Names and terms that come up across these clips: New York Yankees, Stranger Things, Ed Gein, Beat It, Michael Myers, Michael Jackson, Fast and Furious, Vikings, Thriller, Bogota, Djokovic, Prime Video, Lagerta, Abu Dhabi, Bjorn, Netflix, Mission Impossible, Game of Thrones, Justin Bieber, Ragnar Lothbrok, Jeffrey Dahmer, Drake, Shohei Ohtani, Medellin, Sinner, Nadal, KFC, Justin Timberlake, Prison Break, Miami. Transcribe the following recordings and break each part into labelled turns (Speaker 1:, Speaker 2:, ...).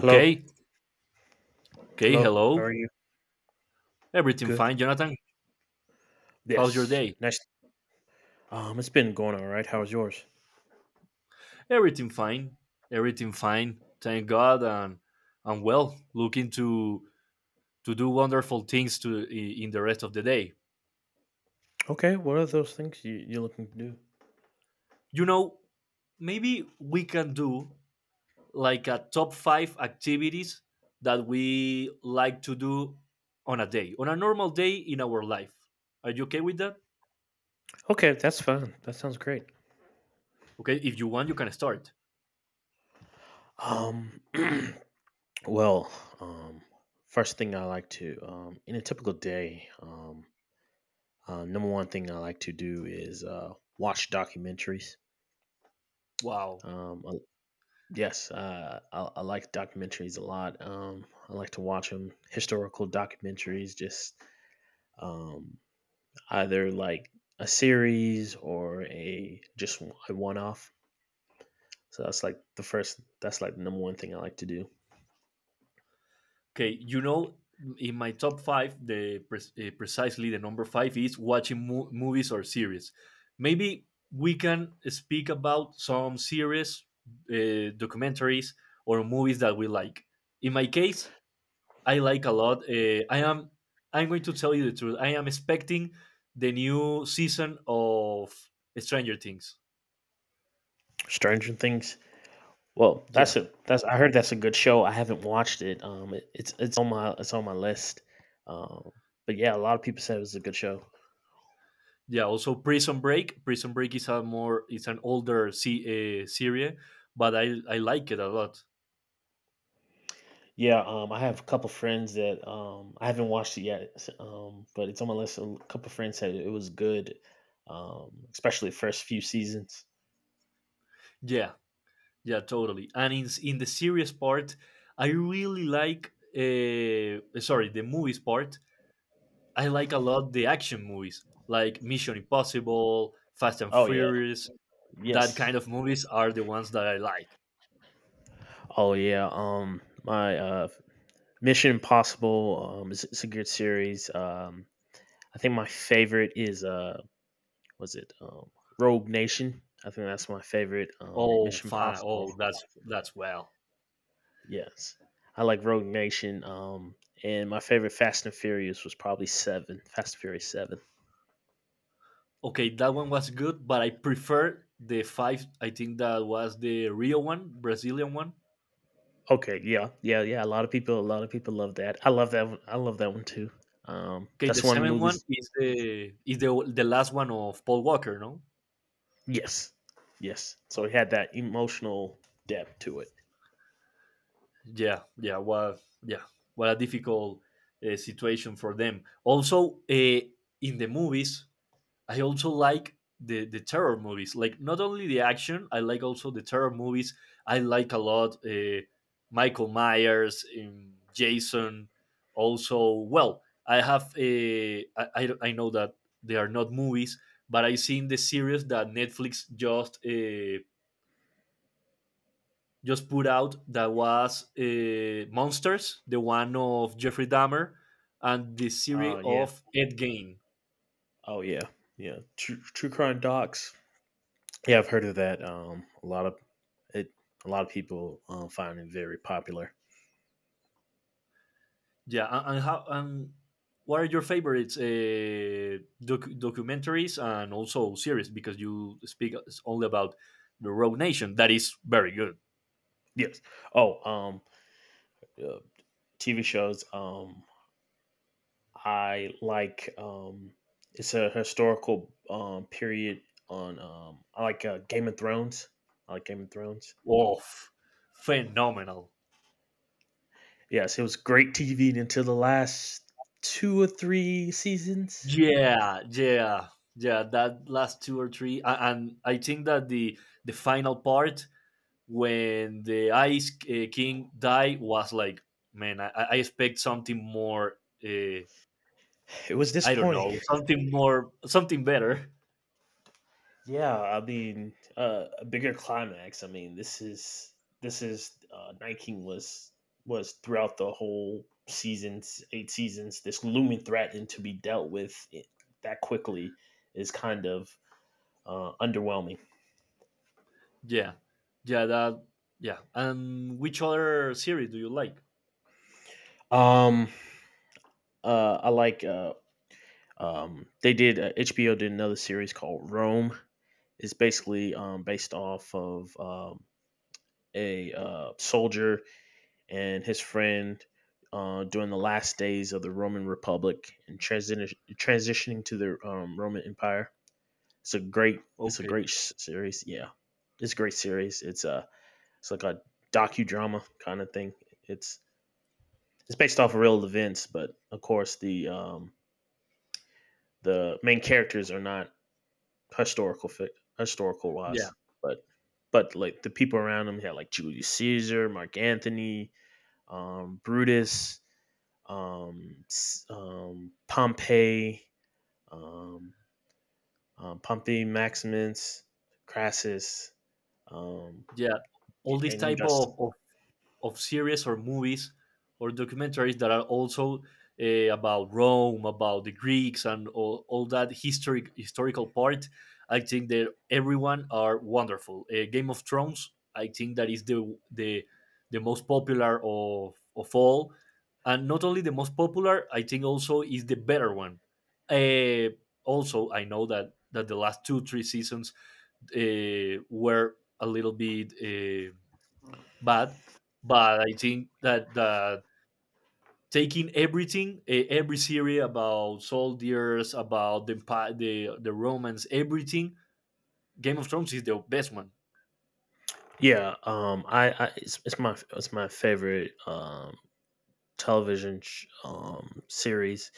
Speaker 1: Hello.
Speaker 2: Okay.
Speaker 1: Hello. How
Speaker 2: Hello.
Speaker 1: are you?
Speaker 2: Everything
Speaker 1: Good.
Speaker 2: fine, Jonathan? How's your
Speaker 1: Yes.
Speaker 2: day?
Speaker 1: Nice. It's been going all right. How's yours?
Speaker 2: Everything fine. Everything fine. Thank God. And I'm well. Looking to do wonderful things to in the rest of the day.
Speaker 1: Okay. What are those things you're looking to do?
Speaker 2: You know, maybe we can do like a top five activities that we like to do on a day, on a normal day in our life. Are you okay with that?
Speaker 1: Okay, that's fine. That sounds great.
Speaker 2: Okay. If you want, you can start.
Speaker 1: Um, well, um, first thing I like to, in a typical day, number one thing I like to do is watch documentaries.
Speaker 2: Wow.
Speaker 1: Um, I- yes, I like documentaries a lot. I like to watch them, historical documentaries, just um, either like a series or a just a one off. So that's like the first. That's like the number one thing I like to do.
Speaker 2: Okay, you know, in my top five, the pres precisely the number five is watching mo movies or series. Maybe we can speak about some series, documentaries, or movies that we like. In my case, I like a lot. I am. I'm going to tell you the truth. I am expecting the new season of Stranger Things.
Speaker 1: Stranger Things. Well, that's
Speaker 2: Yeah.
Speaker 1: a that's I heard that's a good show. I haven't watched it. It's it's on my list. Um, but yeah, a lot of people said it was a good show.
Speaker 2: Yeah, also Prison Break. Is a more, it's an older series, but I like it a lot.
Speaker 1: Yeah, I have a couple friends that I haven't watched it yet. But it's on my list. A couple friends said it was good. Especially the first few seasons.
Speaker 2: Yeah, yeah, totally. And in the series part, I really like sorry the movies part. I like a lot the action movies like Mission Impossible, Fast and
Speaker 1: Oh yeah,
Speaker 2: Furious. That
Speaker 1: yes,
Speaker 2: kind of movies are the ones that I like.
Speaker 1: oh yeah, my Mission Impossible is a good series. I think my favorite is was it Rogue Nation? I think that's my favorite.
Speaker 2: Oh
Speaker 1: Mission
Speaker 2: fine, oh
Speaker 1: Impossible.
Speaker 2: that's well.
Speaker 1: Yes, I like Rogue Nation. And my favorite Fast and Furious was probably Seven. Fast and Furious Seven.
Speaker 2: Okay, that one was good, but I prefer the five. I think that was the Rio one, Brazilian one.
Speaker 1: Okay, yeah, yeah, yeah. A lot of people, a lot of people love that. I love that one. I love that one too.
Speaker 2: Okay, the
Speaker 1: That's one of the
Speaker 2: seventh one
Speaker 1: movies.
Speaker 2: is the last one of Paul Walker, no?
Speaker 1: Yes, yes. So
Speaker 2: Uh,
Speaker 1: it had that emotional depth to it.
Speaker 2: yeah, yeah. What a difficult situation for them. Also, in the movies, I also like the terror movies. Like not only the action, I like also the terror movies. I like a lot Michael Myers, Jason. Also, well, I have a. I know that they are not movies, but I seen the series that Netflix just put out that was, Monsters, the one of Jeffrey Dahmer, and the series
Speaker 1: Oh yeah.
Speaker 2: of Ed Gein.
Speaker 1: Oh yeah. Yeah. True, true crime docs. Yeah, I've heard of that. A lot of it. A lot of people find it very popular.
Speaker 2: Yeah, and how and what are your favorites, documentaries and also series? Because you speak only about the Rogue Nation, that is very good.
Speaker 1: Yes. Oh, uh, TV shows. I like it's a historical period on I like Game of Thrones. I like Game of Thrones.
Speaker 2: Oh, phenomenal!
Speaker 1: Yes, it was great TV until the last two or three seasons.
Speaker 2: Yeah, yeah, yeah. That last two or three, and I think that the final part when the Ice, King died was like, man, I expect something more. Uh,
Speaker 1: It was
Speaker 2: I don't
Speaker 1: disappointing.
Speaker 2: know, something more, something better.
Speaker 1: Yeah, I mean a bigger climax. I mean this is Night King was throughout the whole seasons eight seasons this looming threat and to be dealt with that quickly is kind of underwhelming.
Speaker 2: Yeah, yeah, yeah. And which other series do you like?
Speaker 1: Um, I like. They did HBO did another series called Rome. It's basically based off of a soldier and his friend during the last days of the Roman Republic and transitioning to the Roman Empire. It's a great. It's a
Speaker 2: Okay,
Speaker 1: great series. Yeah, it's a great series. It's like a docudrama kind of thing. It's it's based off of real events, but of course the main characters are not historical historical
Speaker 2: yeah,
Speaker 1: wise, but like the people around him he had like Julius Caesar, Mark Anthony, Brutus, um, Pompey, um, Pompey Maximus, Crassus, um,
Speaker 2: yeah. All these
Speaker 1: and
Speaker 2: type
Speaker 1: just
Speaker 2: of series or movies or documentaries that are also, about Rome, about the Greeks, and all that historical part. I think that everyone are wonderful. Game of Thrones, I think that is the most popular of all, and not only the most popular, I think also is the better one. Uh, also, I know that the last two three seasons, were a little bit. Bad, but I think that taking everything, eh, every series about soldiers, about the empi- the romance, everything, Game of Thrones is the best one.
Speaker 1: Yeah, I it's my favorite series.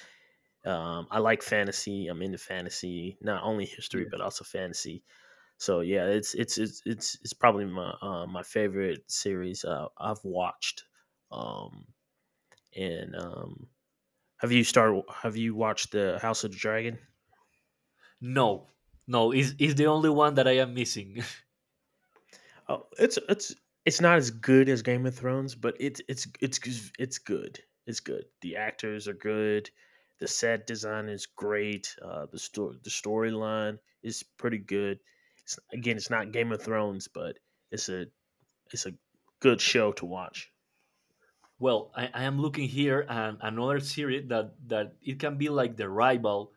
Speaker 1: I like fantasy. I'm into fantasy, not only history
Speaker 2: Yeah.
Speaker 1: but also fantasy. So yeah, it's probably my my favorite series I've watched. Um, and Have you started? Have you watched the House of the Dragon?
Speaker 2: No, no, is the only one that I am missing.
Speaker 1: Oh, it's not as good as Game of Thrones, but it's good. It's good. The actors are good. The set design is great. The storyline is pretty good. It's, again, it's not Game of Thrones, but it's a it's a good show to watch.
Speaker 2: Well, I am looking here and another series that it can be like the rival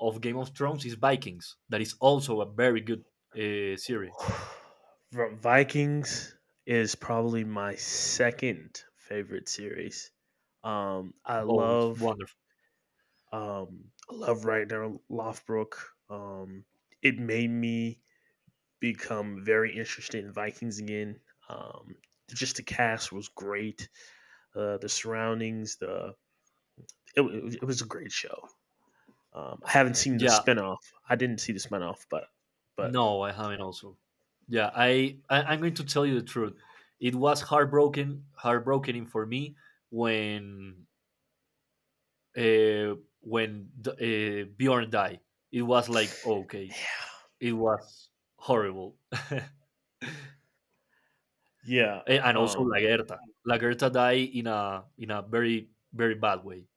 Speaker 2: of Game of Thrones is Vikings. That is also a very good, series.
Speaker 1: Vikings is probably my second favorite series. Um, I
Speaker 2: Oh, it's
Speaker 1: love
Speaker 2: wonderful.
Speaker 1: I love Ragnar Lothbrok. Um, it made me become very interested in Vikings again. Um, just the cast was great. The surroundings, the it, it was a great show. I haven't seen the
Speaker 2: Yeah,
Speaker 1: spinoff. I didn't see the spinoff, but
Speaker 2: no, I haven't also. Yeah, I'm going to tell you the truth. It was heartbroken, heartbreaking for me when, uh, when Bjorn died. It was like okay,
Speaker 1: yeah,
Speaker 2: it was horrible,
Speaker 1: yeah.
Speaker 2: And also
Speaker 1: um,
Speaker 2: Lagerta. Lagerta died in a very very bad way.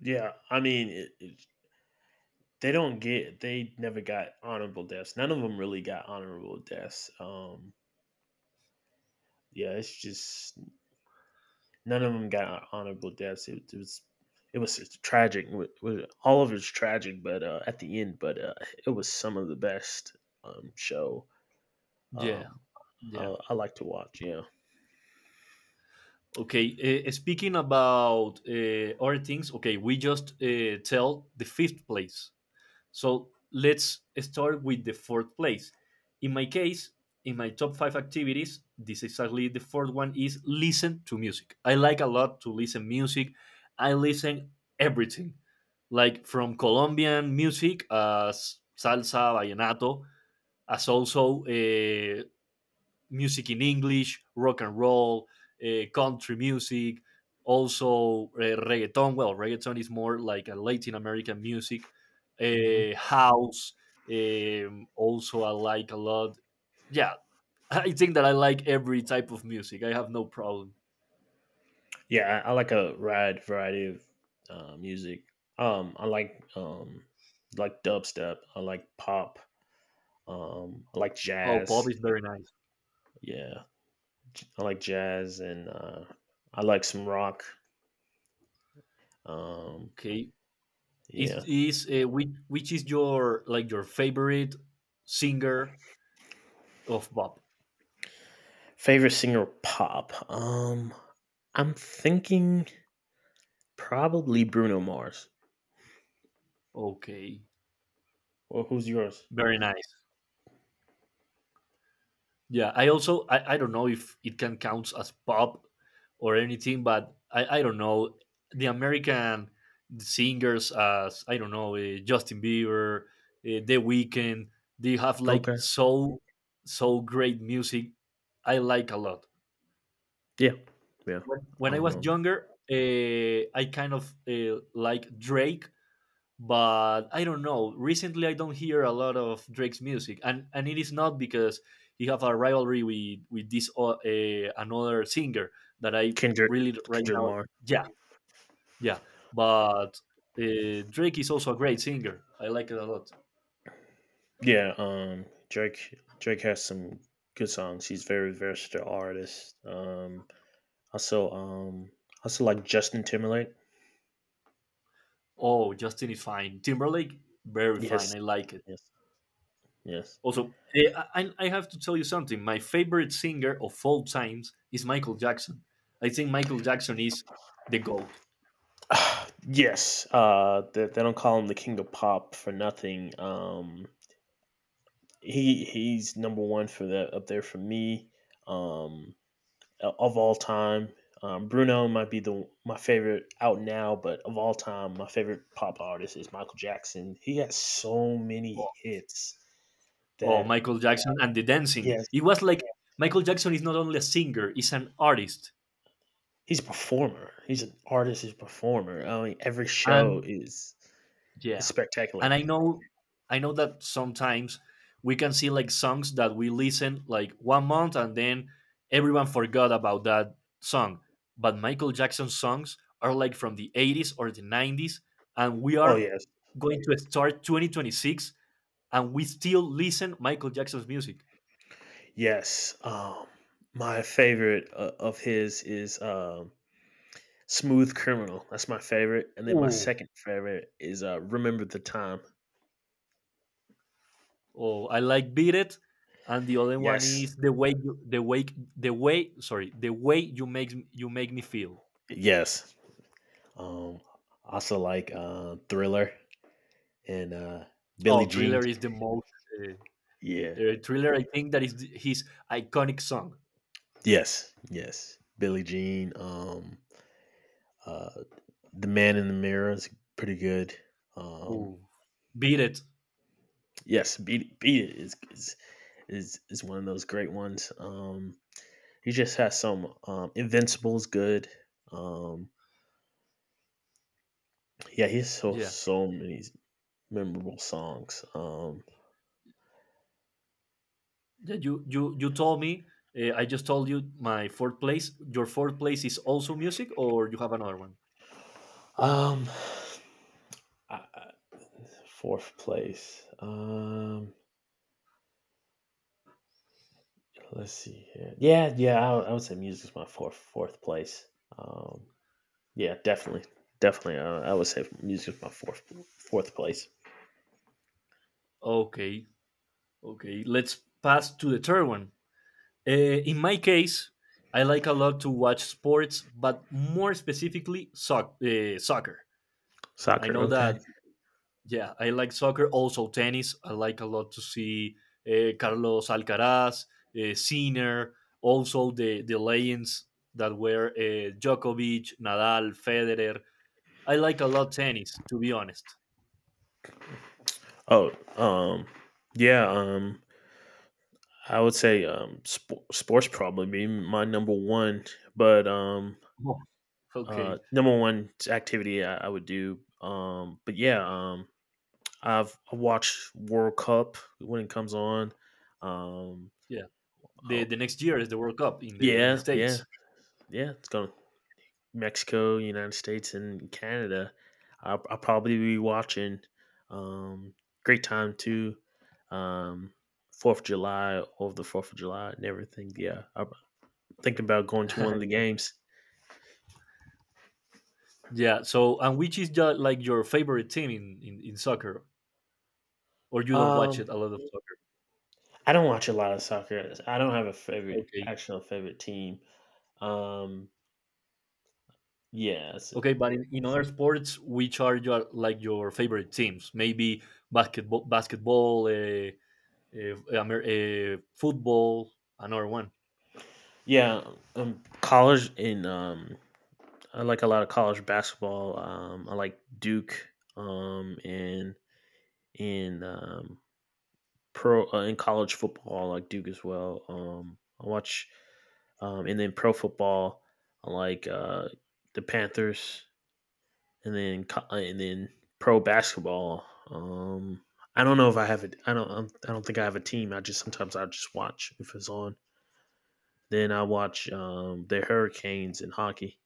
Speaker 1: yeah. I mean, they don't get. They never got honorable deaths. None of them really got honorable deaths. Yeah, it's just none of them got honorable deaths. It was it was tragic. All of it's tragic, but at the end, but it was some of the best show
Speaker 2: Yeah,
Speaker 1: um,
Speaker 2: yeah.
Speaker 1: I like to watch. Yeah,
Speaker 2: Okay, speaking about, other things, okay, we just, tell the fifth place. So let's start with the fourth place. In my case, in my top five activities, this exactly the fourth one is listen to music. I like a lot to listen music. I listen everything, like from Colombian music as salsa, vallenato, as also, music in English, rock and roll, country music, also, reggaeton. Well, reggaeton is more like a Latin American music,
Speaker 1: hmm
Speaker 2: house. Also, I like a lot. Yeah, I think that I like every type of music. I have no problem.
Speaker 1: yeah, I like a wide variety of music. I like dubstep. I like pop. I like
Speaker 2: Oh, pop
Speaker 1: jazz.
Speaker 2: is very nice.
Speaker 1: Yeah, I like jazz, and I like some rock. Um,
Speaker 2: Okay,
Speaker 1: yeah,
Speaker 2: is which is your like your favorite singer of pop?
Speaker 1: Favorite singer pop. I'm thinking probably Bruno Mars.
Speaker 2: Okay,
Speaker 1: Well, who's yours?
Speaker 2: very nice. Yeah, I also I don't know if it can count as pop or anything, but I don't know the American singers as I don't know, Justin Bieber, The Weeknd. They have like
Speaker 1: Okay.
Speaker 2: so great music. I like a lot.
Speaker 1: Yeah. Yeah.
Speaker 2: When I was
Speaker 1: Um
Speaker 2: younger, I kind of, like Drake, but I don't know. Recently, I don't hear a lot of Drake's music, and it is not because he have a rivalry with this, another singer that I
Speaker 1: Kendrick
Speaker 2: really right
Speaker 1: Kendrick
Speaker 2: now.
Speaker 1: Lamar.
Speaker 2: Yeah, yeah. But, Drake is also a great singer. I like it a lot.
Speaker 1: Yeah, Drake has some good songs. He's very versatile artist. Also also like Justin Timberlake.
Speaker 2: Oh, Justin is fine. Timberlake, very fine.
Speaker 1: Yes.
Speaker 2: I like it.
Speaker 1: Yes. Yes.
Speaker 2: Also, eh, I have to tell you something. My favorite singer of all times is Michael Jackson. I think Michael Jackson is the GOAT.
Speaker 1: Yes. Uh, they don't call him the king of pop for nothing. He's number one for that up there for me um, of all time. Bruno might be the my favorite out now, but of all time, my favorite pop artist is Michael Jackson. He has so many hits
Speaker 2: Or
Speaker 1: that
Speaker 2: Michael Jackson and the dancing.
Speaker 1: yes,
Speaker 2: It was like Michael Jackson is not only a singer, he's an artist.
Speaker 1: he's a performer. He's an artist. He's a performer. I mean, every show
Speaker 2: And
Speaker 1: is
Speaker 2: yeah. And
Speaker 1: spectacular.
Speaker 2: I know that sometimes we can see like songs that we listen like one month and then everyone forgot about that song. But Michael Jackson's songs are like from the 80s or the 90s and we
Speaker 1: Oh
Speaker 2: are
Speaker 1: yes,
Speaker 2: going to start 2026 and we still listen Michael Jackson's music.
Speaker 1: yes. My favorite of his is Smooth Criminal, that's my favorite, and then my
Speaker 2: Ooh,
Speaker 1: second favorite is, Remember the Time.
Speaker 2: oh, I like Beat It, and the other one
Speaker 1: Yes,
Speaker 2: is the way you, the way sorry, the way you make me feel.
Speaker 1: yes. Um, Also like, Thriller and, Billie
Speaker 2: Oh,
Speaker 1: Jean.
Speaker 2: Thriller is the most, uh,
Speaker 1: Yeah.
Speaker 2: Thriller. I think that is his iconic song.
Speaker 1: Yes, yes. Billie Jean, uh, The Man in the Mirror is pretty good. Um,
Speaker 2: Ooh. Beat It.
Speaker 1: yes, Beat It is is one of those great ones. He just has some, Invincible's good. Um, yeah, he has so
Speaker 2: Yeah,
Speaker 1: so many memorable songs.
Speaker 2: yeah, you told me. I just told you my fourth place. Your fourth place is also music, or you have another one.
Speaker 1: Um, I, I- Fourth place. Let's see here. Yeah, yeah, I would say music's my fourth fourth place. Um, yeah, definitely, definitely. I would say music's my fourth fourth place.
Speaker 2: Okay, okay. Let's pass to the third one. In my case, I like a lot to watch sports, but more specifically, soccer. I
Speaker 1: Soccer,
Speaker 2: know
Speaker 1: okay.
Speaker 2: that, yeah, I like soccer, also tennis. I like a lot to see, Carlos Alcaraz, Sinner, also the legends that were, Djokovic, Nadal, Federer. I like a lot tennis, to be honest.
Speaker 1: Oh, um, yeah. I would say sports probably be my number one, but
Speaker 2: Oh. Okay,
Speaker 1: number one activity I would do. But yeah, I've I watch World Cup when it comes on. Um,
Speaker 2: yeah.
Speaker 1: oh,
Speaker 2: The next year is the World Cup in the
Speaker 1: yeah, yeah,
Speaker 2: States.
Speaker 1: yeah. It's going to Mexico, United States, and Canada. I'll probably be watching. Um, Great time too. Um, Fourth of July Over the Fourth of July and everything. Yeah, I'm thinking about going to one of the
Speaker 2: Yeah.
Speaker 1: games.
Speaker 2: Yeah. So, and which is your, like your favorite team in soccer, or you don't watch it
Speaker 1: Um,
Speaker 2: a lot of soccer?
Speaker 1: I don't watch a lot of soccer. I don't have a favorite,
Speaker 2: Okay.
Speaker 1: actual favorite team. Um, yeah,
Speaker 2: Okay, but in other sports, which are your like your favorite teams? Maybe basketball, uh, football, another one.
Speaker 1: Yeah, college in I like a lot of college basketball. I like Duke. And in pro In college football, I like Duke as well. I watch, and then Pro football, I like the Panthers, and then pro basketball. Um, I don't know if I have it. I don't. I don't think I have a team. I just Sometimes I just watch if it's on. Then I watch the Hurricanes in hockey.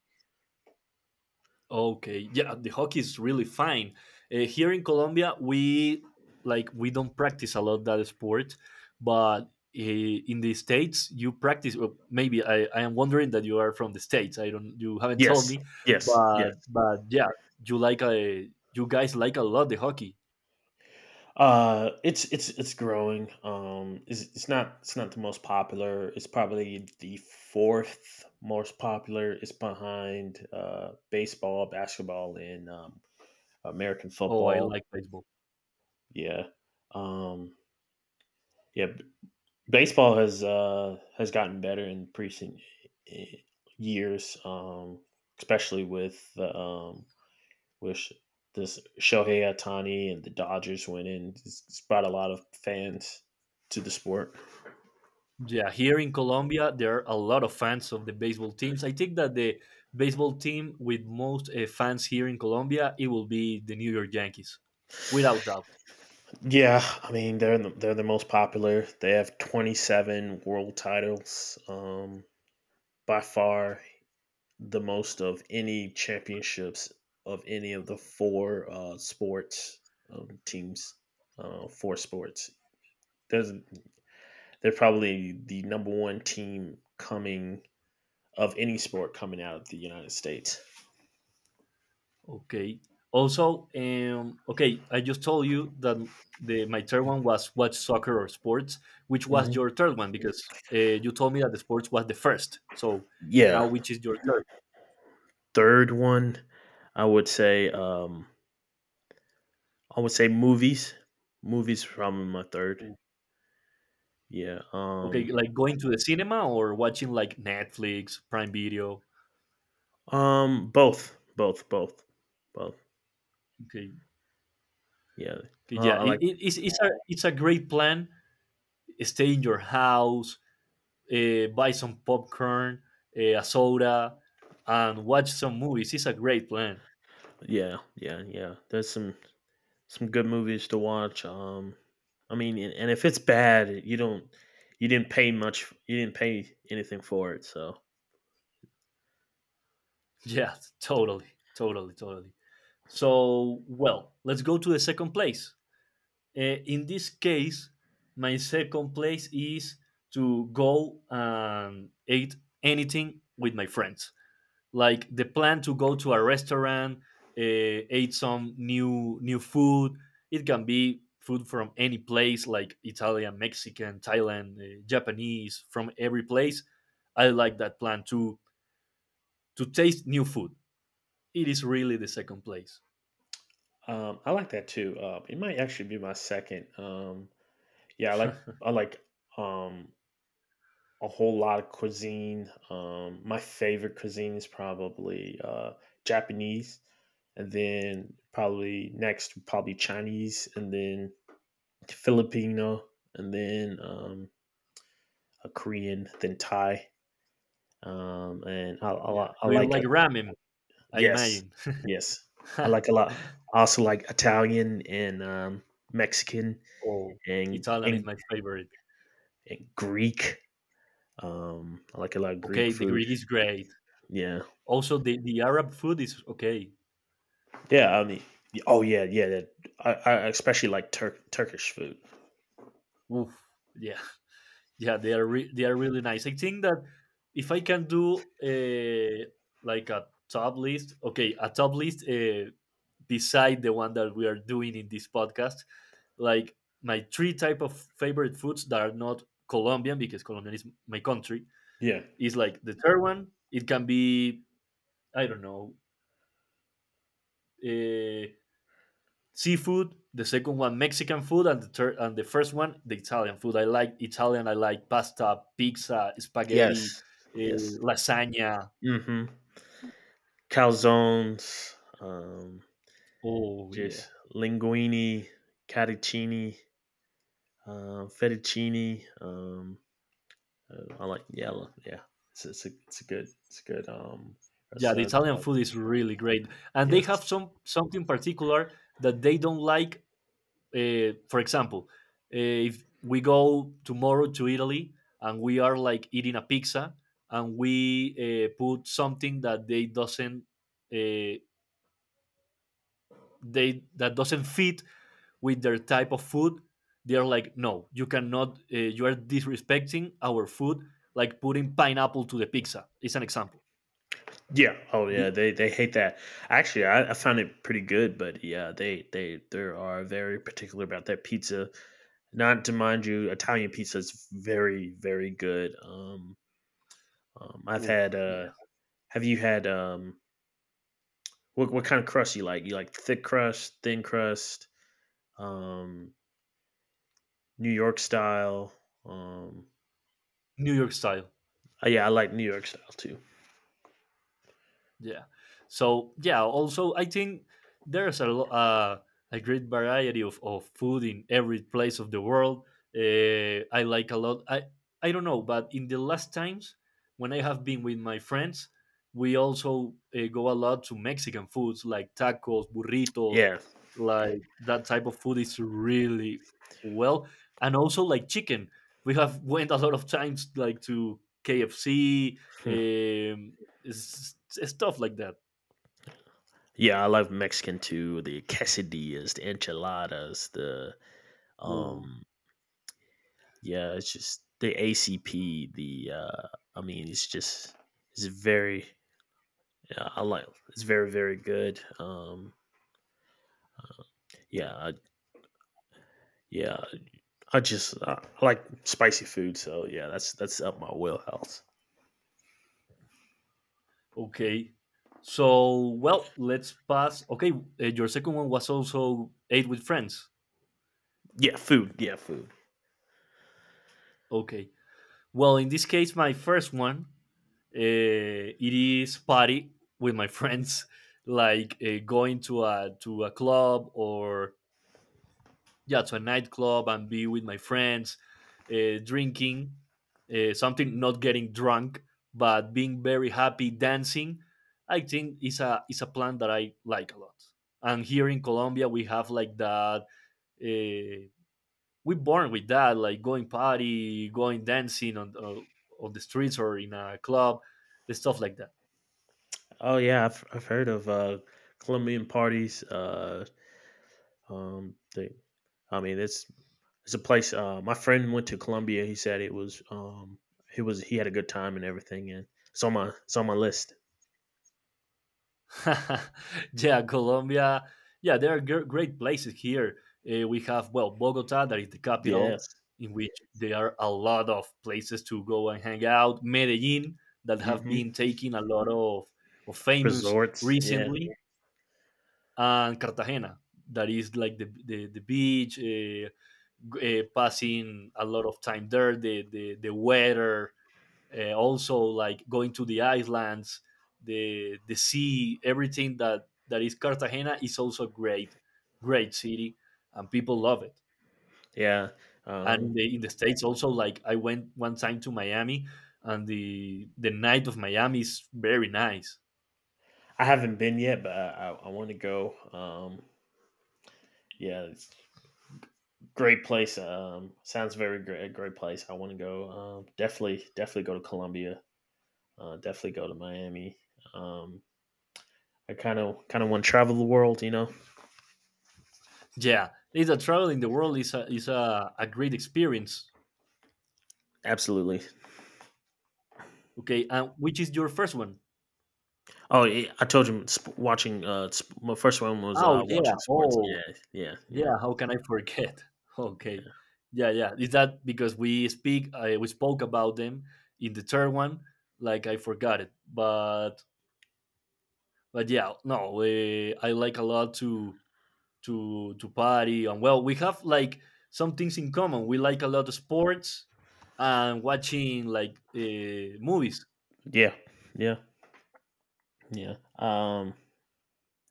Speaker 2: Okay, yeah, the hockey is really fine. Here in Colombia, we like we don't practice a lot that sport, but, in the states you practice. Well, maybe I am wondering that you are from the states. I don't you haven't told
Speaker 1: Yes,
Speaker 2: me,
Speaker 1: yes, yes.
Speaker 2: but yeah, you like a, you guys like a lot the hockey.
Speaker 1: It's growing. It's not the most popular. It's probably the fourth most popular. It's behind baseball, basketball, and American
Speaker 2: Oh, I
Speaker 1: football.
Speaker 2: like baseball.
Speaker 1: Yeah, um, yeah. b- Baseball has gotten better in recent eh, years, especially with the with this Shohei Ohtani and the Dodgers went in. Brought a lot of fans to the sport.
Speaker 2: Yeah, here in Colombia, there are a lot of fans of the baseball teams. I think that the baseball team with most, fans here in Colombia, it will be the New York Yankees, without doubt.
Speaker 1: Yeah, I mean they're the most popular. They have 27 world titles, by far the most of any championships of any of the four sports teams. Four sports. There's, they're probably the number one team coming of any sport coming out of the United States.
Speaker 2: Okay. Also, okay, I just told you that the my third one was watch soccer or sports, which was
Speaker 1: hmm
Speaker 2: your third one because, you told me that the sports was the first. So now,
Speaker 1: Yeah,
Speaker 2: which is your third?
Speaker 1: third one, I would say, um, I would say movies. Movies probably my third. Yeah.
Speaker 2: Okay, like going to the cinema or watching like Netflix, Prime Video.
Speaker 1: Both. Both. Both. Both.
Speaker 2: Okay.
Speaker 1: Yeah.
Speaker 2: Yeah,
Speaker 1: I like.
Speaker 2: it's a great plan. Stay in your house, buy some popcorn, a soda, and watch some movies. It's a great plan.
Speaker 1: Yeah. Yeah. Yeah. There's some good movies to watch. I mean, and if it's bad, you don't. You didn't pay much. You didn't pay anything for it. So.
Speaker 2: Yeah, totally, totally, totally. So, well, let's go to the second place. In this case, my second place is to go and eat anything with my friends. Like the plan to go to a restaurant, uh, eat some new food. It can be food from any place like Italian, Mexican, Thailand, Japanese, from every place. I like that plan to taste new food. It is really the second place.
Speaker 1: I like that too. It might actually be my second. Yeah. I like. I like. Um. A whole lot of cuisine. My favorite cuisine is probably Japanese, and then probably next would probably Chinese, and then Filipino, and then a Korean, then Thai, and I,
Speaker 2: Yeah,
Speaker 1: li- I
Speaker 2: do you
Speaker 1: like
Speaker 2: like
Speaker 1: a,
Speaker 2: ramen? I
Speaker 1: yes,
Speaker 2: imagine.
Speaker 1: yes, I like a lot. I also like Italian and Mexican
Speaker 2: Oh,
Speaker 1: and
Speaker 2: Italian is
Speaker 1: and,
Speaker 2: my favorite.
Speaker 1: and Greek. I like a lot of Greek
Speaker 2: Okay, the
Speaker 1: food.
Speaker 2: Greek is great.
Speaker 1: Yeah.
Speaker 2: Also, the Arab food is okay.
Speaker 1: Yeah, I mean, oh yeah, yeah. That I especially like Turkish food.
Speaker 2: Oof, yeah. Yeah, they are they are really nice. I think that if I can do, like a top list, okay, a top list, beside the one that we are doing in this podcast, like my three type of favorite foods that are not Colombian because Colombian is my country
Speaker 1: Yeah.
Speaker 2: is like the third one. It can be I don't know. Uh, seafood. The second one Mexican food, and the third and the first one the Italian food. I like Italian. I like pasta, pizza, spaghetti,
Speaker 1: Yes. Yes.
Speaker 2: lasagna.
Speaker 1: hmm Calzones, um,
Speaker 2: Oh yeah,
Speaker 1: just linguine, catticini, fettuccine. I like yeah, yeah. It's a good
Speaker 2: yeah. The
Speaker 1: restaurant.
Speaker 2: Italian
Speaker 1: I like
Speaker 2: food is really great, and they
Speaker 1: yes.
Speaker 2: have some something particular that they don't like. For example, if we go tomorrow to Italy and we are like eating a pizza and we put something that they doesn't uh, they that doesn't fit with their type of food. They're like, no, you cannot, you are disrespecting our food, like putting pineapple to the pizza. It's an example.
Speaker 1: Yeah. Oh, yeah.
Speaker 2: The
Speaker 1: They hate that. Actually, I found it pretty good, but yeah, they are very particular about that pizza. Not to mind you, Italian pizza is very very good. I've
Speaker 2: Oof,
Speaker 1: had.
Speaker 2: yeah.
Speaker 1: Have you had? What kind of crust you like? You like thick crust, thin crust, um, New York style. Um,
Speaker 2: New York style.
Speaker 1: yeah, I like New York style too.
Speaker 2: Yeah. So yeah. Also, I think there's a great variety of food in every place of the world. I like a lot. I don't know, but in the last times when I have been with my friends, we also go a lot to Mexican foods like tacos, burritos,
Speaker 1: Yeah.
Speaker 2: like that type of food is really, well, and also like chicken. We have went a lot of times like to KFC,
Speaker 1: Hmm.
Speaker 2: um, it's stuff like that.
Speaker 1: Yeah, I love Mexican too. The quesadillas, the enchiladas, the
Speaker 2: Ooh,
Speaker 1: um yeah, it's just the ACP. The I mean, it's very. Yeah, I like it's very very good. Yeah, I, yeah, I like spicy food, so yeah, that's up my wheelhouse.
Speaker 2: okay. So, well, let's pass. Okay, your second one was also Eight with Friends.
Speaker 1: Yeah, food. Yeah, food.
Speaker 2: Okay. Well, in this case, my first one, it is party with my friends, like going to a club, or yeah, to a nightclub and be with my friends, drinking, something, not getting drunk, but being very happy, dancing. I think it's a plan that I like a lot. And here in Colombia, we have like that. Uh, we born with that, like going party, going dancing on the streets or in a club, stuff like that.
Speaker 1: Oh yeah, I've heard of Colombian parties. Um, they, I mean, it's a place. My friend went to Colombia. He said it was he had a good time and everything, and it's on my list.
Speaker 2: Yeah, Colombia. Yeah, there are great places here. We have, well, Bogota, that is the capital,
Speaker 1: Yes.
Speaker 2: in which there are a lot of places to go and hang out. Medellin, that have been
Speaker 1: Mhm.
Speaker 2: taking a lot of famous
Speaker 1: Resorts. Yeah.
Speaker 2: recently, and Cartagena, that is like the beach, passing a lot of time there, the weather, also like going to the islands, the sea, everything that that is Cartagena is also great, great city, and people love it.
Speaker 1: Yeah.
Speaker 2: And in
Speaker 1: Um,
Speaker 2: the states also, like I went one time to Miami, and the night of Miami is very nice.
Speaker 1: I haven't been yet, but I want to go. Yeah, it's a great place. Sounds very great. A great place. I want to go. Definitely, definitely go to Colombia. Definitely go to Miami. Um, I kind of want to travel the world. You know,
Speaker 2: Yeah, it's a travel in the world is a great experience.
Speaker 1: absolutely.
Speaker 2: Okay, and which is your first one?
Speaker 1: Oh, yeah, I told you my first one was
Speaker 2: Oh yeah,
Speaker 1: watching sports.
Speaker 2: oh,
Speaker 1: Yeah, yeah, yeah,
Speaker 2: yeah, how can I forget? Okay. Yeah, yeah. Is that because we speak we spoke about them in the third one, like I forgot it. But yeah, no, I like a lot to to party, and well, we have like some things in common. We like a lot of sports and watching like movies.
Speaker 1: yeah, yeah, yeah.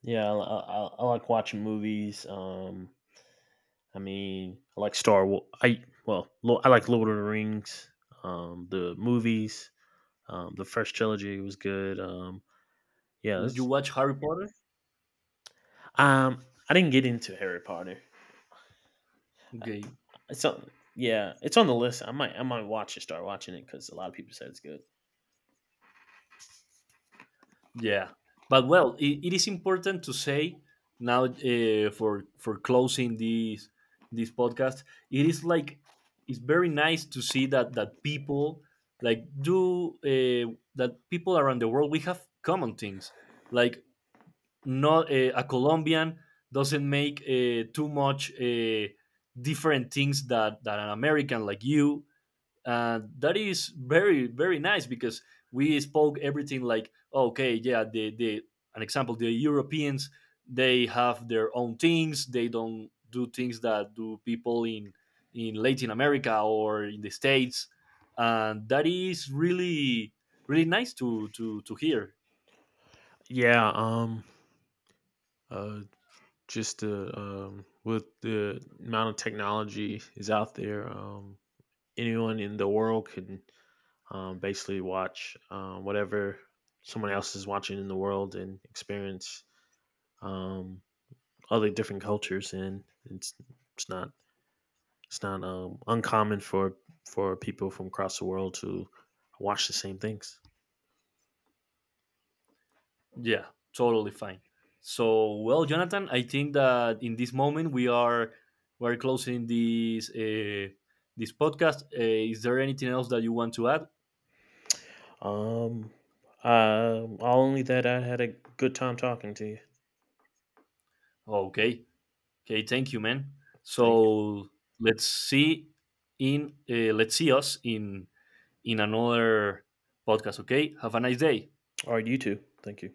Speaker 1: Yeah, I like watching movies. I mean, I like Star Wars. I like Lord of the Rings. The movies. The first trilogy was good. Yeah.
Speaker 2: You
Speaker 1: it's-
Speaker 2: watch Harry Potter?
Speaker 1: Um, I didn't get into Harry Potter. Uh,
Speaker 2: Okay.
Speaker 1: It's on. Yeah, it's on the list. I might watch it. Start watching it because a lot of people said it's good.
Speaker 2: Yeah, but well, it is important to say now, for closing this this podcast. It is like it's very nice to see that that people like do that people around the world we have common things like, not a Colombian doesn't make too much different things that that an American like you, that is very very nice because we spoke everything like, oh, okay, yeah, the an example, the Europeans, they have their own things, they don't do things that do people in Latin America or in the states. And that is really really nice to to hear.
Speaker 1: Yeah, uh, just with the amount of technology is out there, anyone in the world can basically watch whatever someone else is watching in the world and experience um, other different cultures and it's not it's not uncommon for people from across the world to watch the same things
Speaker 2: Yeah, totally fine. So, well, Jonathan, I think that in this moment we are we're closing this this podcast. Is there anything else that you want to add?
Speaker 1: um only that I had a good time talking to you.
Speaker 2: Okay, okay, thank you, man.
Speaker 1: Thank you.
Speaker 2: So let's see, in let's see us in another podcast. Okay, have a nice day.
Speaker 1: All right, you too. Thank you.